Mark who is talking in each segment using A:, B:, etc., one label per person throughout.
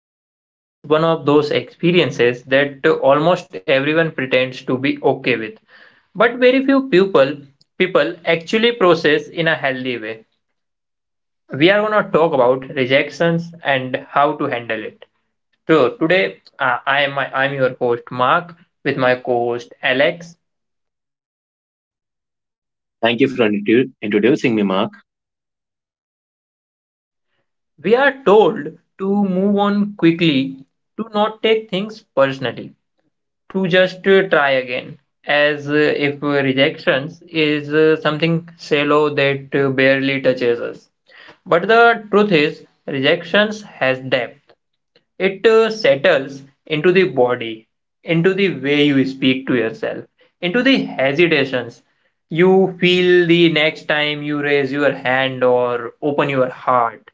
A: Rejections is one of those experiences that almost everyone pretends to be okay with, but very few people actually process in a healthy way. We are going to talk about rejections and how to handle it. So today I am your host Mark with my co-host Alex.
B: Thank you for introducing me, Mark.
A: We are told to move on quickly, to not take things personally, to just try again as if rejections is something shallow that barely touches us, but the truth is rejections has depth. It settles into the body, into the way you speak to yourself, into the hesitations you feel the next time you raise your hand or open your heart.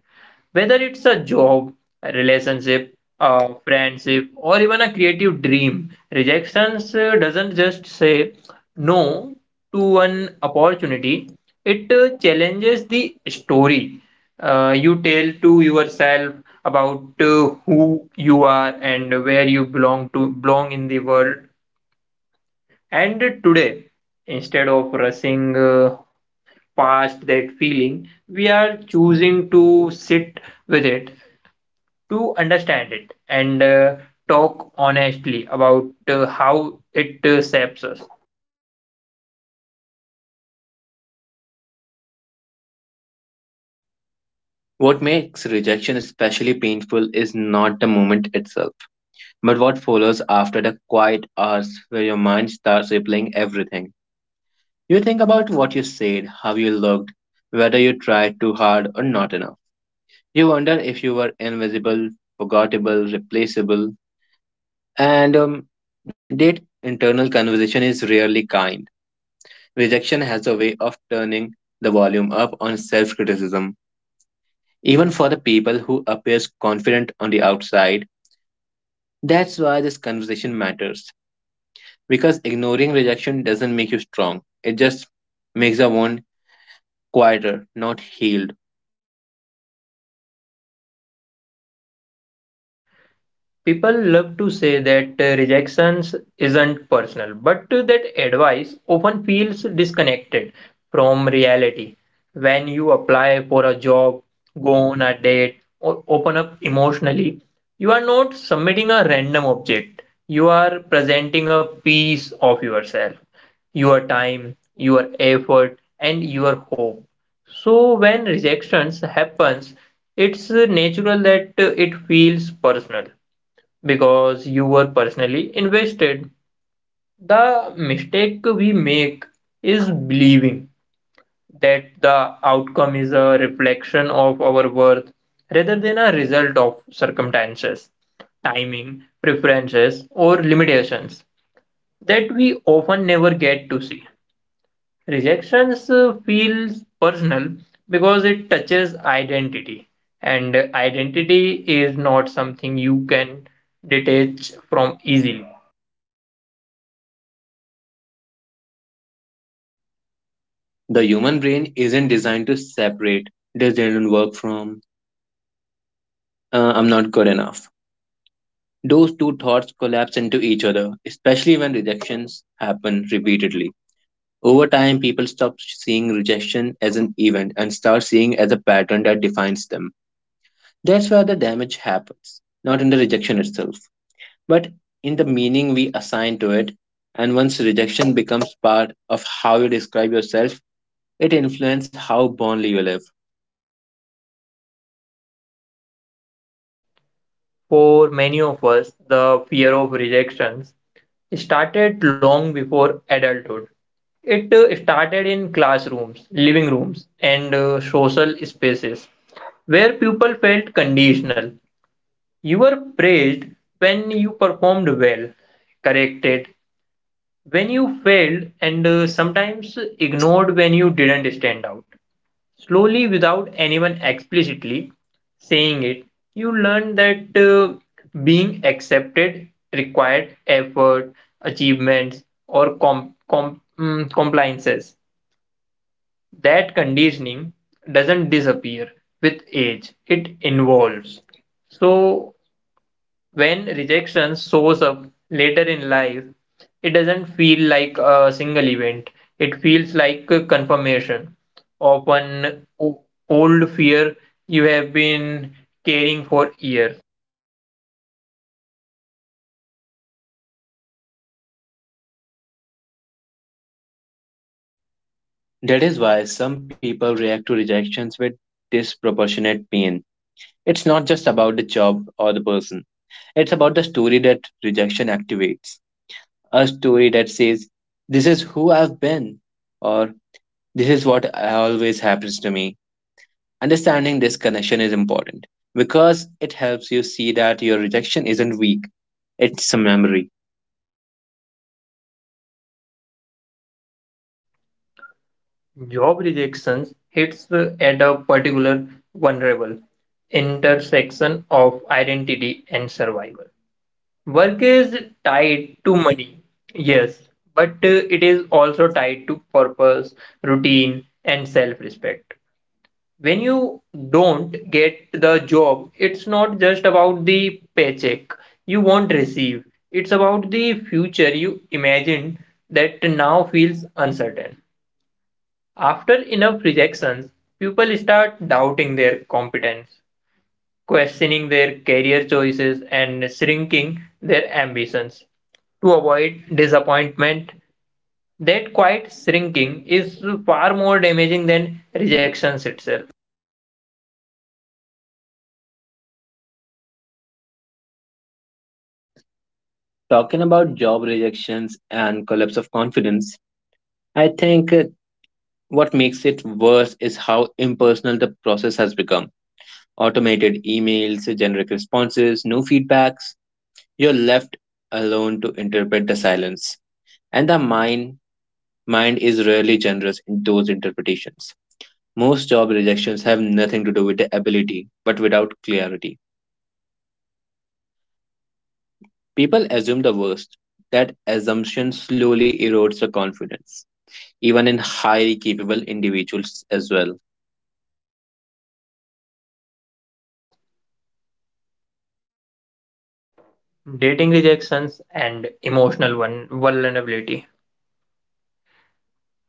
A: Whether it's a job, a relationship, a friendship, or even a creative dream, rejections doesn't just say no to an opportunity, it challenges the story you tell to yourself about who you are and where you belong in the world. And today, instead of rushing past that feeling, we are choosing to sit with it, to understand it, and talk honestly about how it shapes us.
B: What makes rejection especially painful is not the moment itself, but what follows after the quiet hours where your mind starts replaying everything. You think about what you said, how you looked, whether you tried too hard or not enough. You wonder if you were invisible, forgettable, replaceable, and that internal conversation is rarely kind. Rejection has a way of turning the volume up on self criticism even for the people who appears confident on the outside. That's why this conversation matters because ignoring rejection doesn't make you strong. It just makes the wound quieter, not healed.
A: People love to say that rejection isn't personal, but that advice often feels disconnected from reality. When you apply for a job, go on a date, or open up emotionally, you are not submitting a random object. You are presenting a piece of yourself, your time, your effort, and your hope. So when rejections happens, it's natural that it feels personal because you were personally invested. The mistake we make is believing that the outcome is a reflection of our worth rather than a result of circumstances, timing, preferences, or limitations that we often never get to see. Rejections feels personal because it touches identity, and identity is not something you can detach from easily.
B: The human brain isn't designed to separate. This didn't work from. I'm not good enough. Those two thoughts collapse into each other, especially when rejections happen repeatedly. Over time, people stop seeing rejection as an event and start seeing it as a pattern that defines them. That's where the damage happens, not in the rejection itself, but in the meaning we assign to it. And once rejection becomes part of how you describe yourself, it influences how boldly you live.
A: For many of us, the fear of rejections started long before adulthood. It started in classrooms, living rooms, and social spaces where people felt conditional. You were praised when you performed well, corrected when you failed, and sometimes ignored when you didn't stand out. Slowly, without anyone explicitly saying it, you learn that being accepted required effort, achievements, or compliances. That conditioning doesn't disappear with age, it involves. So when rejection shows up later in life, it doesn't feel like a single event. It feels like a confirmation of an old fear you have been carrying for years.
B: That is why some people react to rejections with disproportionate pain. It's not just about the job or the person, it's about the story that rejection activates. A story that says, this is who I've been, or this is what always happens to me. Understanding this connection is important because it helps you see that your rejection isn't weak, it's a memory.
A: Job rejections hits at a particular vulnerable intersection of identity and survival. Work is tied to money, yes, but it is also tied to purpose, routine, and self respect. When you don't get the job, it's not just about the paycheck you won't receive, it's about the future you imagine that now feels uncertain. After enough rejections, people start doubting their competence, questioning their career choices, and shrinking their ambitions. To avoid disappointment, that quiet shrinking is far more damaging than rejections itself.
B: Talking about job rejections and collapse of confidence, I think what makes it worse is how impersonal the process has become. Automated emails, generic responses, no feedbacks. You're left alone to interpret the silence. And the mind is rarely generous in those interpretations. Most job rejections have nothing to do with the ability, but without clarity. People assume the worst. That assumption slowly erodes the confidence, even in highly capable individuals as well.
A: Dating rejections and emotional vulnerability.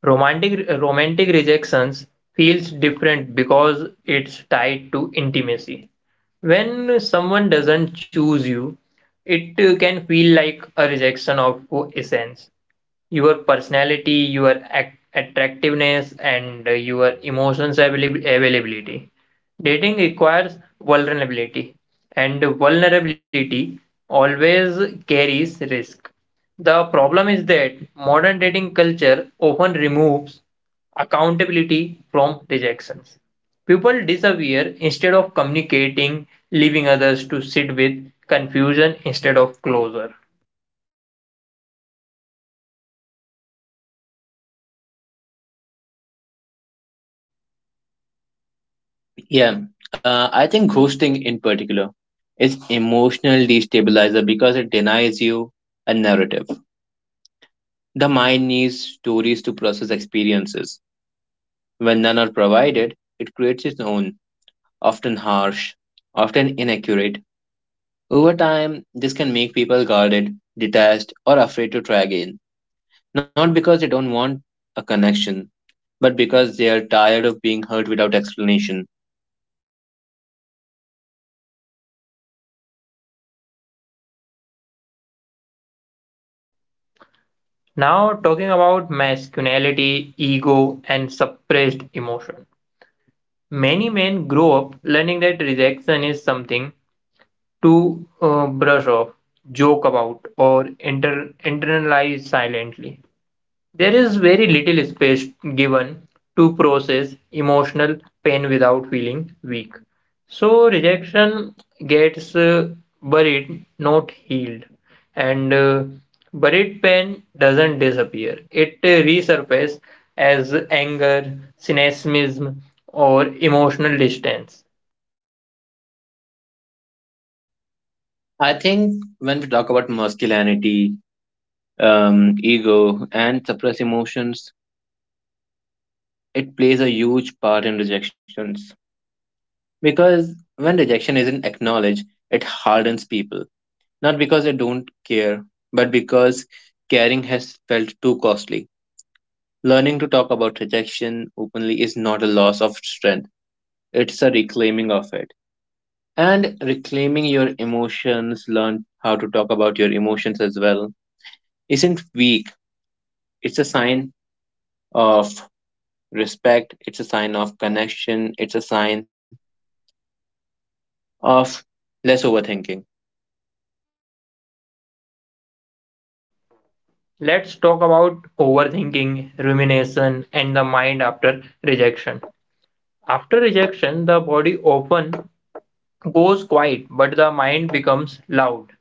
A: Romantic rejections feels different because it's tied to intimacy. When someone doesn't choose you, it can feel like a rejection of your essence. Your personality, your attractiveness, and your emotions availability. Dating requires vulnerability, and vulnerability always carries risk. The problem is that modern dating culture often removes accountability from rejections. People disappear instead of communicating, leaving others to sit with confusion instead of closure.
B: Yeah, I think ghosting in particular is emotional destabilizer because it denies you a narrative. The mind needs stories to process experiences. When none are provided, it creates its own, often harsh, often inaccurate. Over time, this can make people guarded, detached, or afraid to try again. Not because they don't want a connection, but because they are tired of being hurt without explanation.
A: Now, talking about masculinity, ego, and suppressed emotion. Many men grow up learning that rejection is something to brush off, joke about, or internalize silently. There is very little space given to process emotional pain without feeling weak. So rejection gets buried, not healed. And buried pain doesn't disappear, it resurfaces as anger, cynicism, or emotional distance.
B: I think when we talk about masculinity, ego, and suppressed emotions, it plays a huge part in rejections. Because when rejection isn't acknowledged, it hardens people. Not because they don't care, but because caring has felt too costly. Learning to talk about rejection openly is not a loss of strength, it's a reclaiming of it. And reclaiming your emotions, learn how to talk about your emotions as well, isn't weak. It's a sign of respect, it's a sign of connection, it's a sign of less overthinking.
A: Let's talk about overthinking, rumination, and the mind after rejection. After rejection, the body often goes quiet, but the mind becomes loud.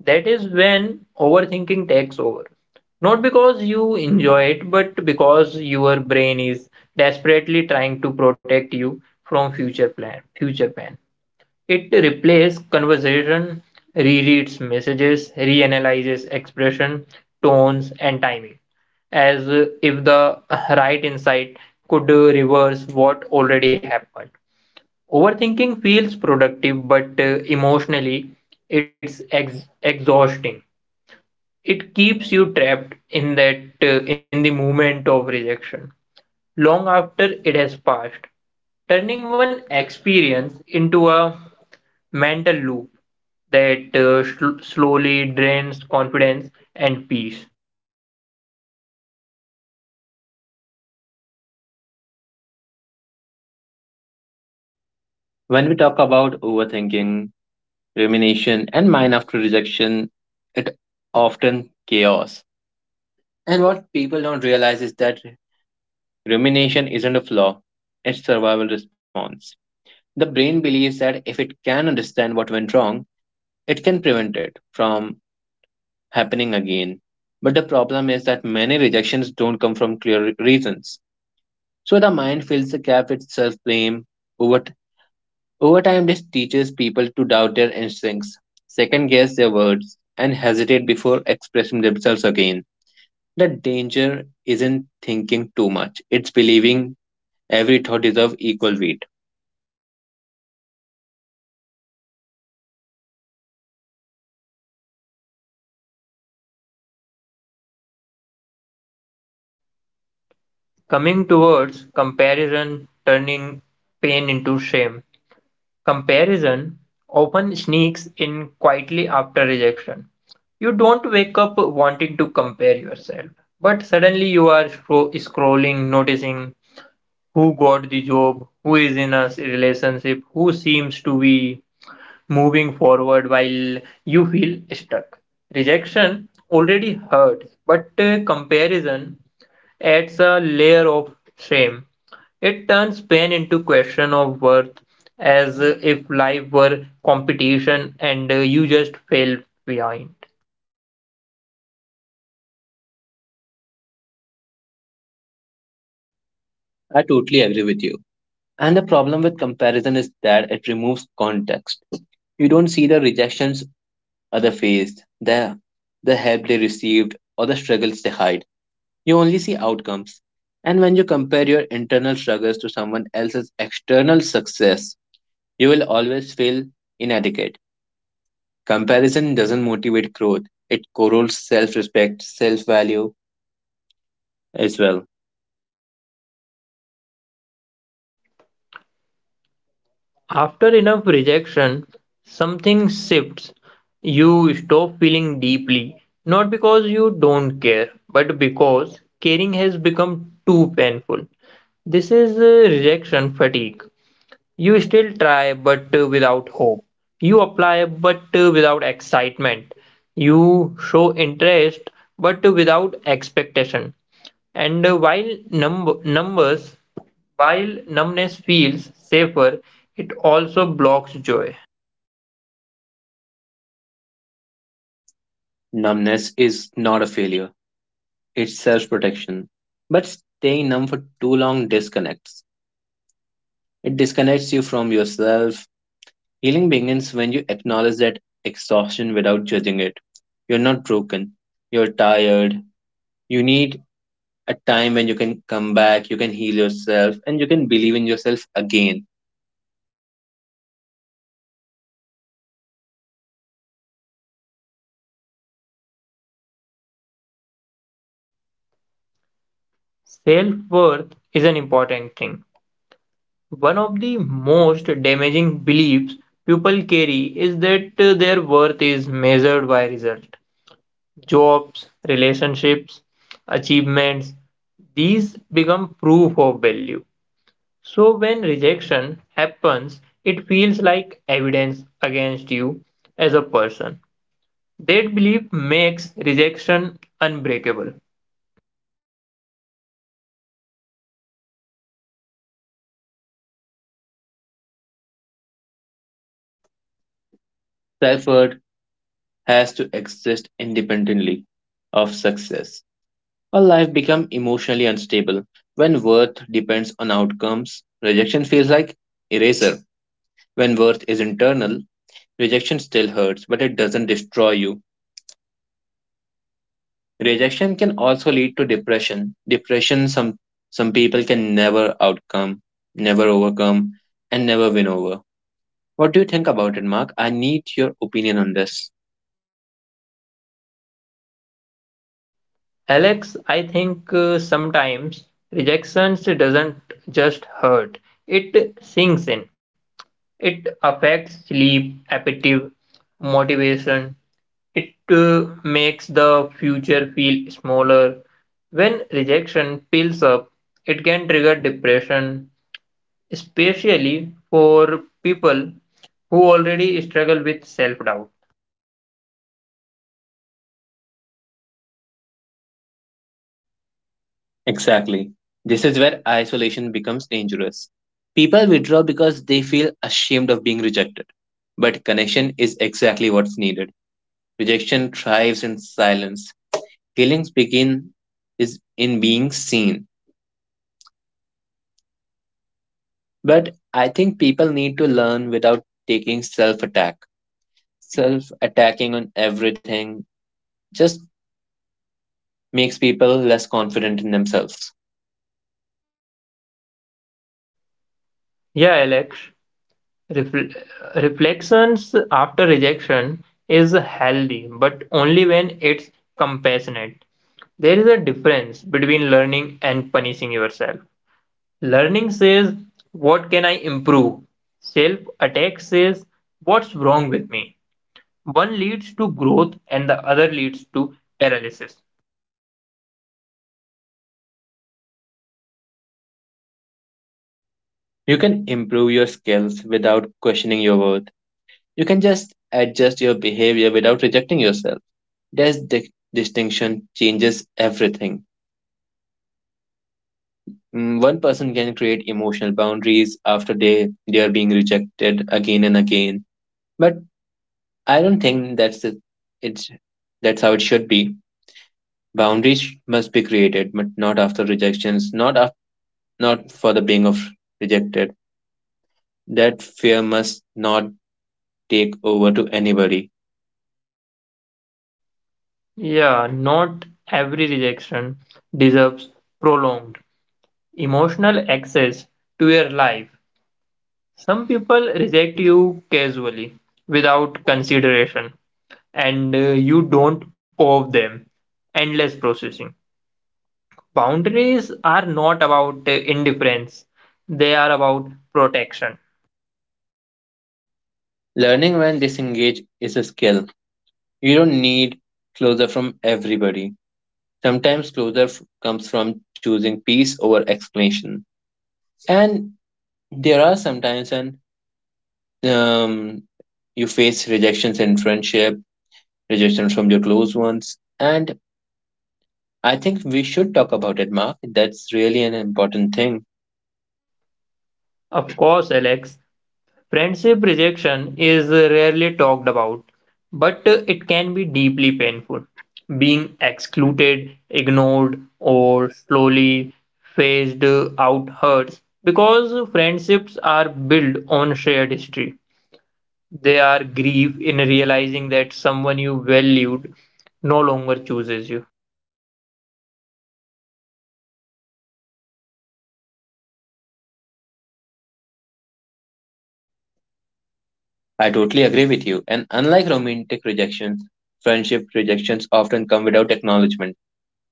A: That is when overthinking takes over. Not because you enjoy it, but because your brain is desperately trying to protect you from future plan, future pain. It replays conversation, rereads messages, reanalyzes expression, tones, and timing, as if the right insight could reverse what already happened. Overthinking feels productive, but emotionally, it's exhausting. It keeps you trapped in that in the moment of rejection long after it has passed, turning one experience into a mental loop that slowly drains confidence and peace.
B: When we talk about overthinking, rumination, and mind after rejection, it often chaos. And what people don't realize is that rumination isn't a flaw, it's survival response. The brain believes that if it can understand what went wrong, it can prevent it from happening again. But the problem is that many rejections don't come from reasons. So the mind fills the gap with self blame. Over, t- Over time, this teaches people to doubt their instincts, second guess their words, and hesitate before expressing themselves again. The danger isn't thinking too much, it's believing every thought deserves equal weight.
A: Coming towards comparison, turning pain into shame. Comparison often sneaks in quietly after rejection. You don't wake up wanting to compare yourself, but suddenly you are scrolling, noticing who got the job, who is in a relationship, who seems to be moving forward while you feel stuck. Rejection already hurts, but comparison adds a layer of shame. It turns pain into question of worth as if life were competition and you just fell behind.
B: I totally agree with you. And the problem with comparison is that it removes context. You don't see the rejections other faced, the help they received or the struggles they hide. You only see outcomes. And when you compare your internal struggles to someone else's external success, you will always feel inadequate. Comparison doesn't motivate growth. It corrodes self-respect, self-value as well.
A: After enough rejection, something shifts. You stop feeling deeply, not because you don't care, but because caring has become too painful. This is rejection fatigue. You still try, but without hope. You apply, but without excitement. You show interest, but without expectation. And while numbness feels safer, it also blocks joy.
B: Numbness is not a failure. It's self-protection. But staying numb for too long disconnects. It disconnects you from yourself. Healing begins when you acknowledge that exhaustion without judging it. You're not broken. You're tired. You need a time when you can come back, you can heal yourself, and you can believe in yourself again.
A: Self worth is an important thing. One of the most damaging beliefs people carry is that their worth is measured by result, jobs, relationships, achievements, these become proof of value. So when rejection happens, it feels like evidence against you as a person. That belief makes rejection unbreakable.
B: Self worth has to exist independently of success. Or life become emotionally unstable. When worth depends on outcomes, rejection feels like eraser. When worth is internal, rejection still hurts, but it doesn't destroy you. Rejection can also lead to depression. Depression some people can never outcome, never overcome, and never win over. What do you think about it, Mark? I need your opinion on this.
A: Alex, I think sometimes rejection doesn't just hurt, it sinks in. It affects sleep, appetite, motivation. It makes the future feel smaller. When rejection piles up, it can trigger depression, especially for people who already struggle with self doubt.
B: Exactly. This is where isolation becomes dangerous. People withdraw because they feel ashamed of being rejected. But connection is exactly what's needed. Rejection thrives in silence. Healings begin is in being seen. But I think people need to learn without taking self attack. Self attacking on everything just makes people less confident in themselves.
A: Yeah, Alex, refl- reflections after rejection is healthy, but only when it's compassionate. There is a difference between learning and punishing yourself. Learning says, "What can I improve?" Self attack says, "What's wrong with me?" One leads to growth and the other leads to paralysis.
B: You can improve your skills without questioning your worth. You can just adjust your behavior without rejecting yourself. This distinction changes everything. One person can create emotional boundaries after they are being rejected again and again. But I don't think that's it. It's, that's how it should be. Boundaries must be created, but not after rejections, not for the being of rejected. That fear must not take over to anybody.
A: Yeah, not every rejection deserves prolonged emotional access to your life. Some people reject you casually without consideration, and you don't owe them endless processing. Boundaries are not about indifference, they are about protection.
B: Learning when disengaged is a skill. You don't need closure from everybody. Sometimes comes from choosing peace over explanation. And there are sometimes and um, you face rejections in friendship, rejection from your close ones, and I think we should talk about it, Mark. That's really an important thing.
A: Of course, Alex, friendship rejection is rarely talked about, but it can be deeply painful. Being excluded, ignored, or slowly phased out hurts because friendships are built on shared history. They are grief in realizing that someone you valued no longer chooses you.
B: I totally agree with you. And unlike romantic rejections, friendship rejections often come without acknowledgement.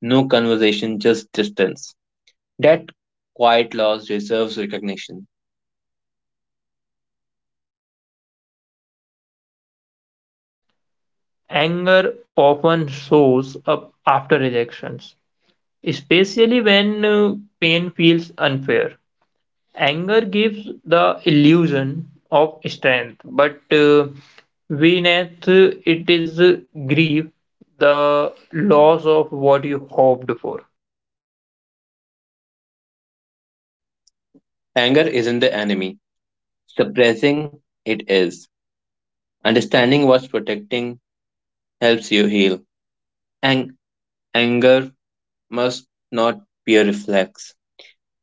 B: No conversation, just distance. That quiet loss deserves recognition.
A: Anger often shows up after rejections, especially when pain feels unfair. Anger gives the illusion of strength, but beneath it is grief, the loss of what you hoped for.
B: Anger isn't the enemy, suppressing it is. Understanding what's protecting helps you heal. Ang- Anger must not be a reflex.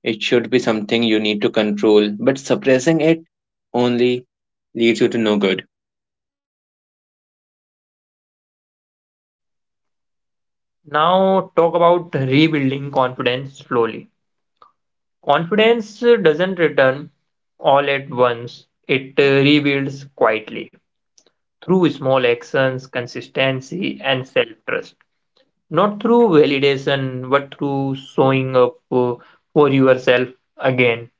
B: It should be something you need to control, but suppressing it only leads you to no good.
A: Now, talk about rebuilding confidence slowly. Confidence doesn't return all at once, it rebuilds quietly through small actions, consistency, and self trust. Not through validation, but through showing up for yourself again.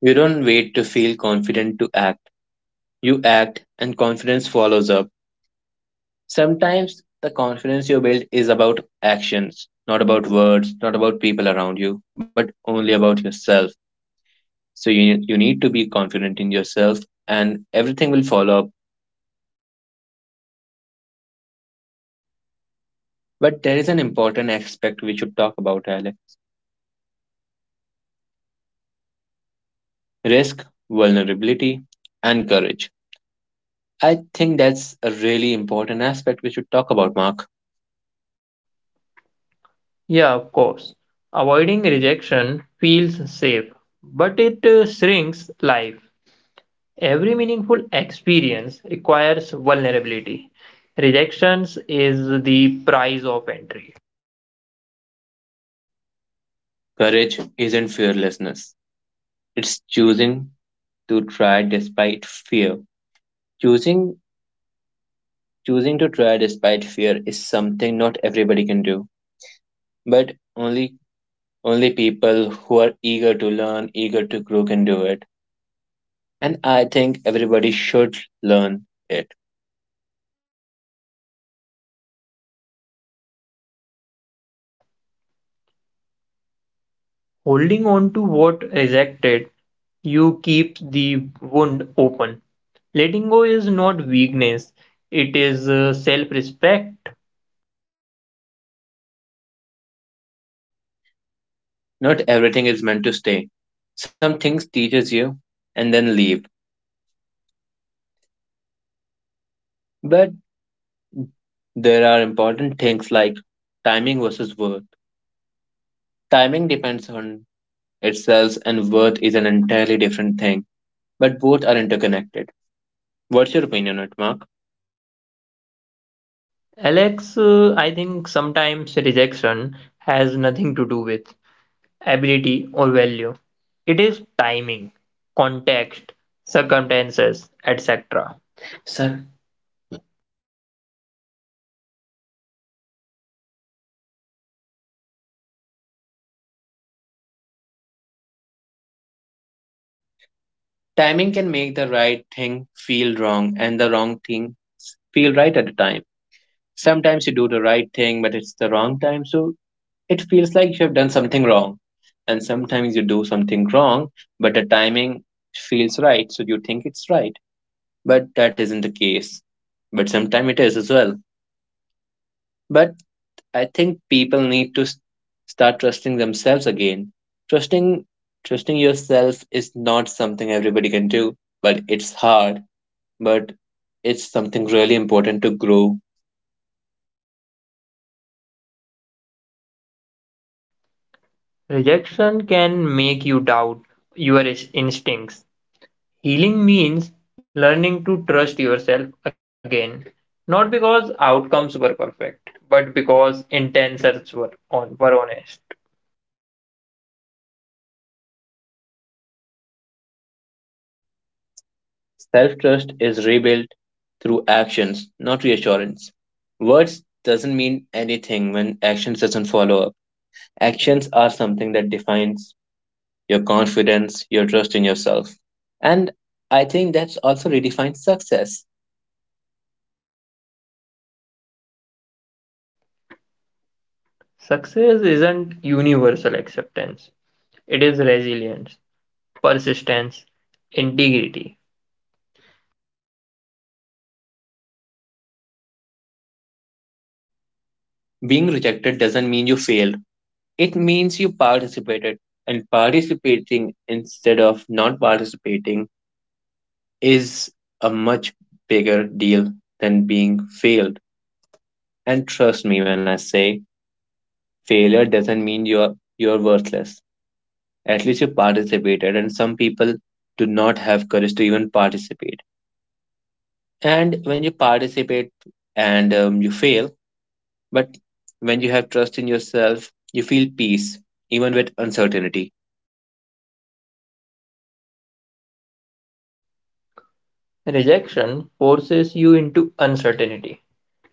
B: You don't wait to feel confident to act. You act, and confidence follows up. Sometimes the confidence you build is about actions, not about words, not about people around you, but only about yourself. So you need to be confident in yourself, and everything will follow up. But there is an important aspect we should talk about, Alec: risk, vulnerability, and courage. I think that's a really important aspect we should talk about, Mark.
A: Yeah, of course. Avoiding rejection feels safe, but it shrinks life. Every meaningful experience requires vulnerability. Rejections is the price of entry.
B: Courage isn't fearlessness. It's choosing to try despite fear. Choosing choosing to try despite fear is something not everybody can do. But only people who are eager to learn, eager to grow can do it. And I think everybody should learn it.
A: Holding on to what rejected you keeps the wound open. Letting go is not weakness, it is self respect.
B: Not everything is meant to stay. Some things teaches you and then leave. But there are important things like timing versus worth. Timing depends on itself, and worth is an entirely different thing, but both are interconnected. What's your opinion on it, Mark?
A: Alex, I think sometimes rejection has nothing to do with ability or value, it is timing, context, circumstances, etc. Sir,
B: Timing can make the right thing feel wrong, and the wrong thing feel right at the time. Sometimes you do the right thing, but it's the wrong time, so it feels like you have done something wrong. And sometimes you do something wrong, but the timing feels right, so you think it's right. But that isn't the case. But sometimes it is as well. But I think people need to start trusting themselves again. Trusting trusting yourself is not something everybody can do, but it's hard, but it's something really important to grow.
A: rejection can make you doubt your instincts. Healing means learning to trust yourself again, not because outcomes were perfect, but because intentions were honest.
B: Self-trust is rebuilt through actions, not reassurance. Words doesn't mean anything when actions doesn't follow up. Actions are something that defines your confidence, your trust in yourself. And I think that's also redefines success.
A: Success isn't universal acceptance, it is resilience, persistence, integrity.
B: Being rejected doesn't mean you failed, it means you participated. And participating instead of not participating is a much bigger deal than being failed. And trust me when I say failure doesn't mean you're worthless. At least you participated, and some people do not have courage to even participate. And when you participate and you fail, but when you have trust in yourself, you feel peace, even with uncertainty.
A: Rejection forces you into uncertainty,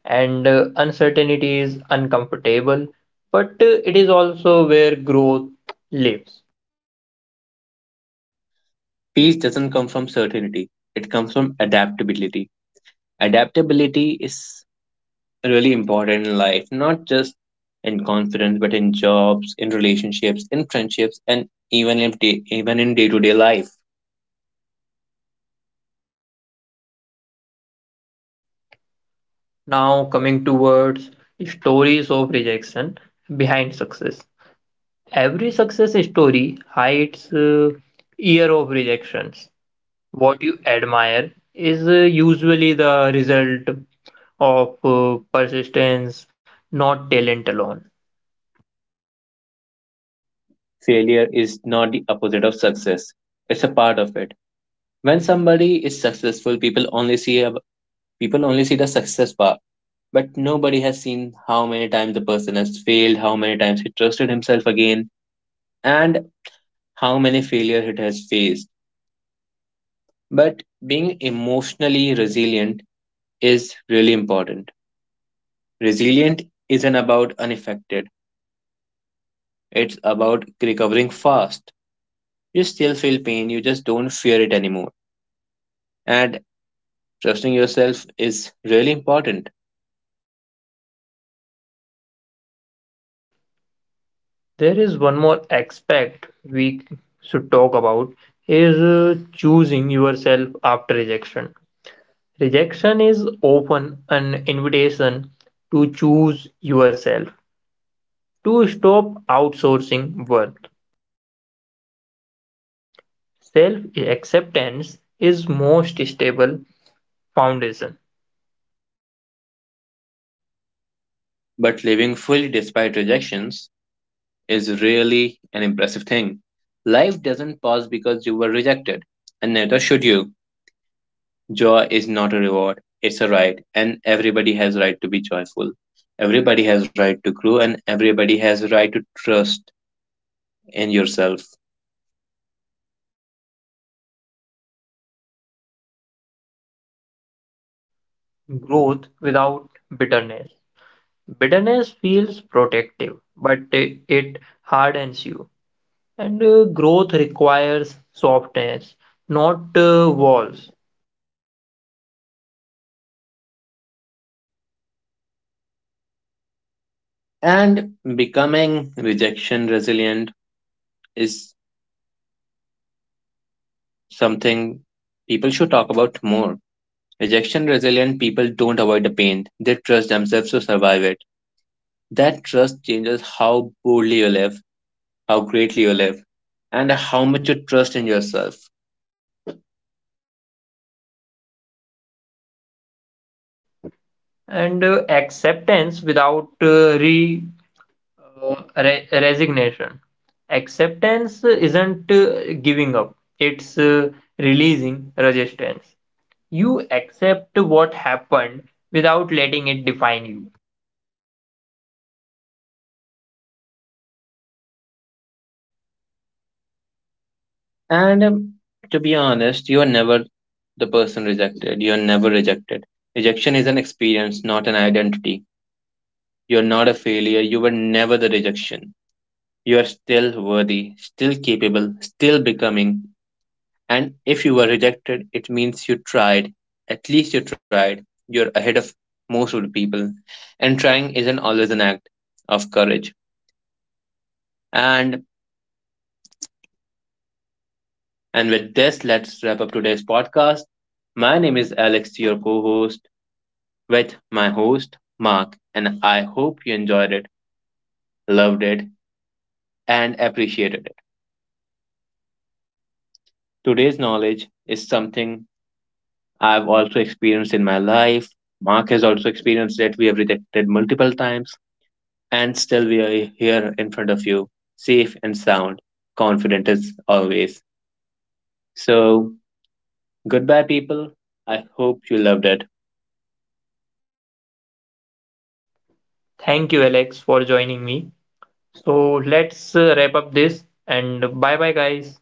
A: and uncertainty is uncomfortable, but it is also where growth lives.
B: Peace doesn't come from certainty, it comes from adaptability. Adaptability is really important in life, not just in confidence, but in jobs, in relationships, in friendships, and even in day-to-day life.
A: Now, coming towards stories of rejection behind success. Every success story hides year of rejections. What you admire is usually the result of persistence, not talent alone.
B: Failure is not the opposite of success. It's a part of it. When somebody is successful, people only see the success part. But nobody has seen how many times the person has failed, how many times he trusted himself again, and how many failures it has faced. But being emotionally resilient is really important. Resilient isn't about unaffected, it's about recovering fast. You still feel pain, you just don't fear it anymore. And trusting yourself is really important.
A: There is one more aspect we should talk about is choosing yourself after rejection. Rejection is often an invitation to choose yourself. To stop outsourcing work, self acceptance is most stable foundation.
B: But living fully despite rejections is really an impressive thing. Life doesn't pause because you were rejected, and neither should you. Joy is not a reward, it's a right, and everybody has right to be joyful. Everybody has right to grow and everybody has right to trust in yourself.
A: Growth without bitterness. Bitterness feels protective, but it hardens you. And growth requires softness, not walls.
B: And becoming rejection resilient is something people should talk about more. Rejection resilient people don't avoid the pain. They trust themselves to survive it. That trust changes how boldly you live, how greatly you live, and how much you trust in yourself.
A: And acceptance without resignation. Acceptance isn't giving up, it's releasing resistance. You accept what happened without letting it define you.
B: And To be honest, you are never the person rejected. You are never rejected. Rejection is an experience, not an identity. You are not a failure. You were never the rejection. You are still worthy, still capable, still becoming. And if you were rejected, it means you tried. At least you tried. You're ahead of most of the people. And trying isn't always an act of courage. And And with this, let's wrap up today's podcast. My name is Alex, your co host, with my host, Mark, and I hope you enjoyed it, loved it, and appreciated it. Today's knowledge is something I've also experienced in my life. Mark has also experienced it. We have rejected multiple times, and still we are here in front of you, safe and sound, confident as always. So, goodbye, people. I hope you loved it.
A: Thank you, Alex, for joining me. So let's wrap up this and bye bye, guys.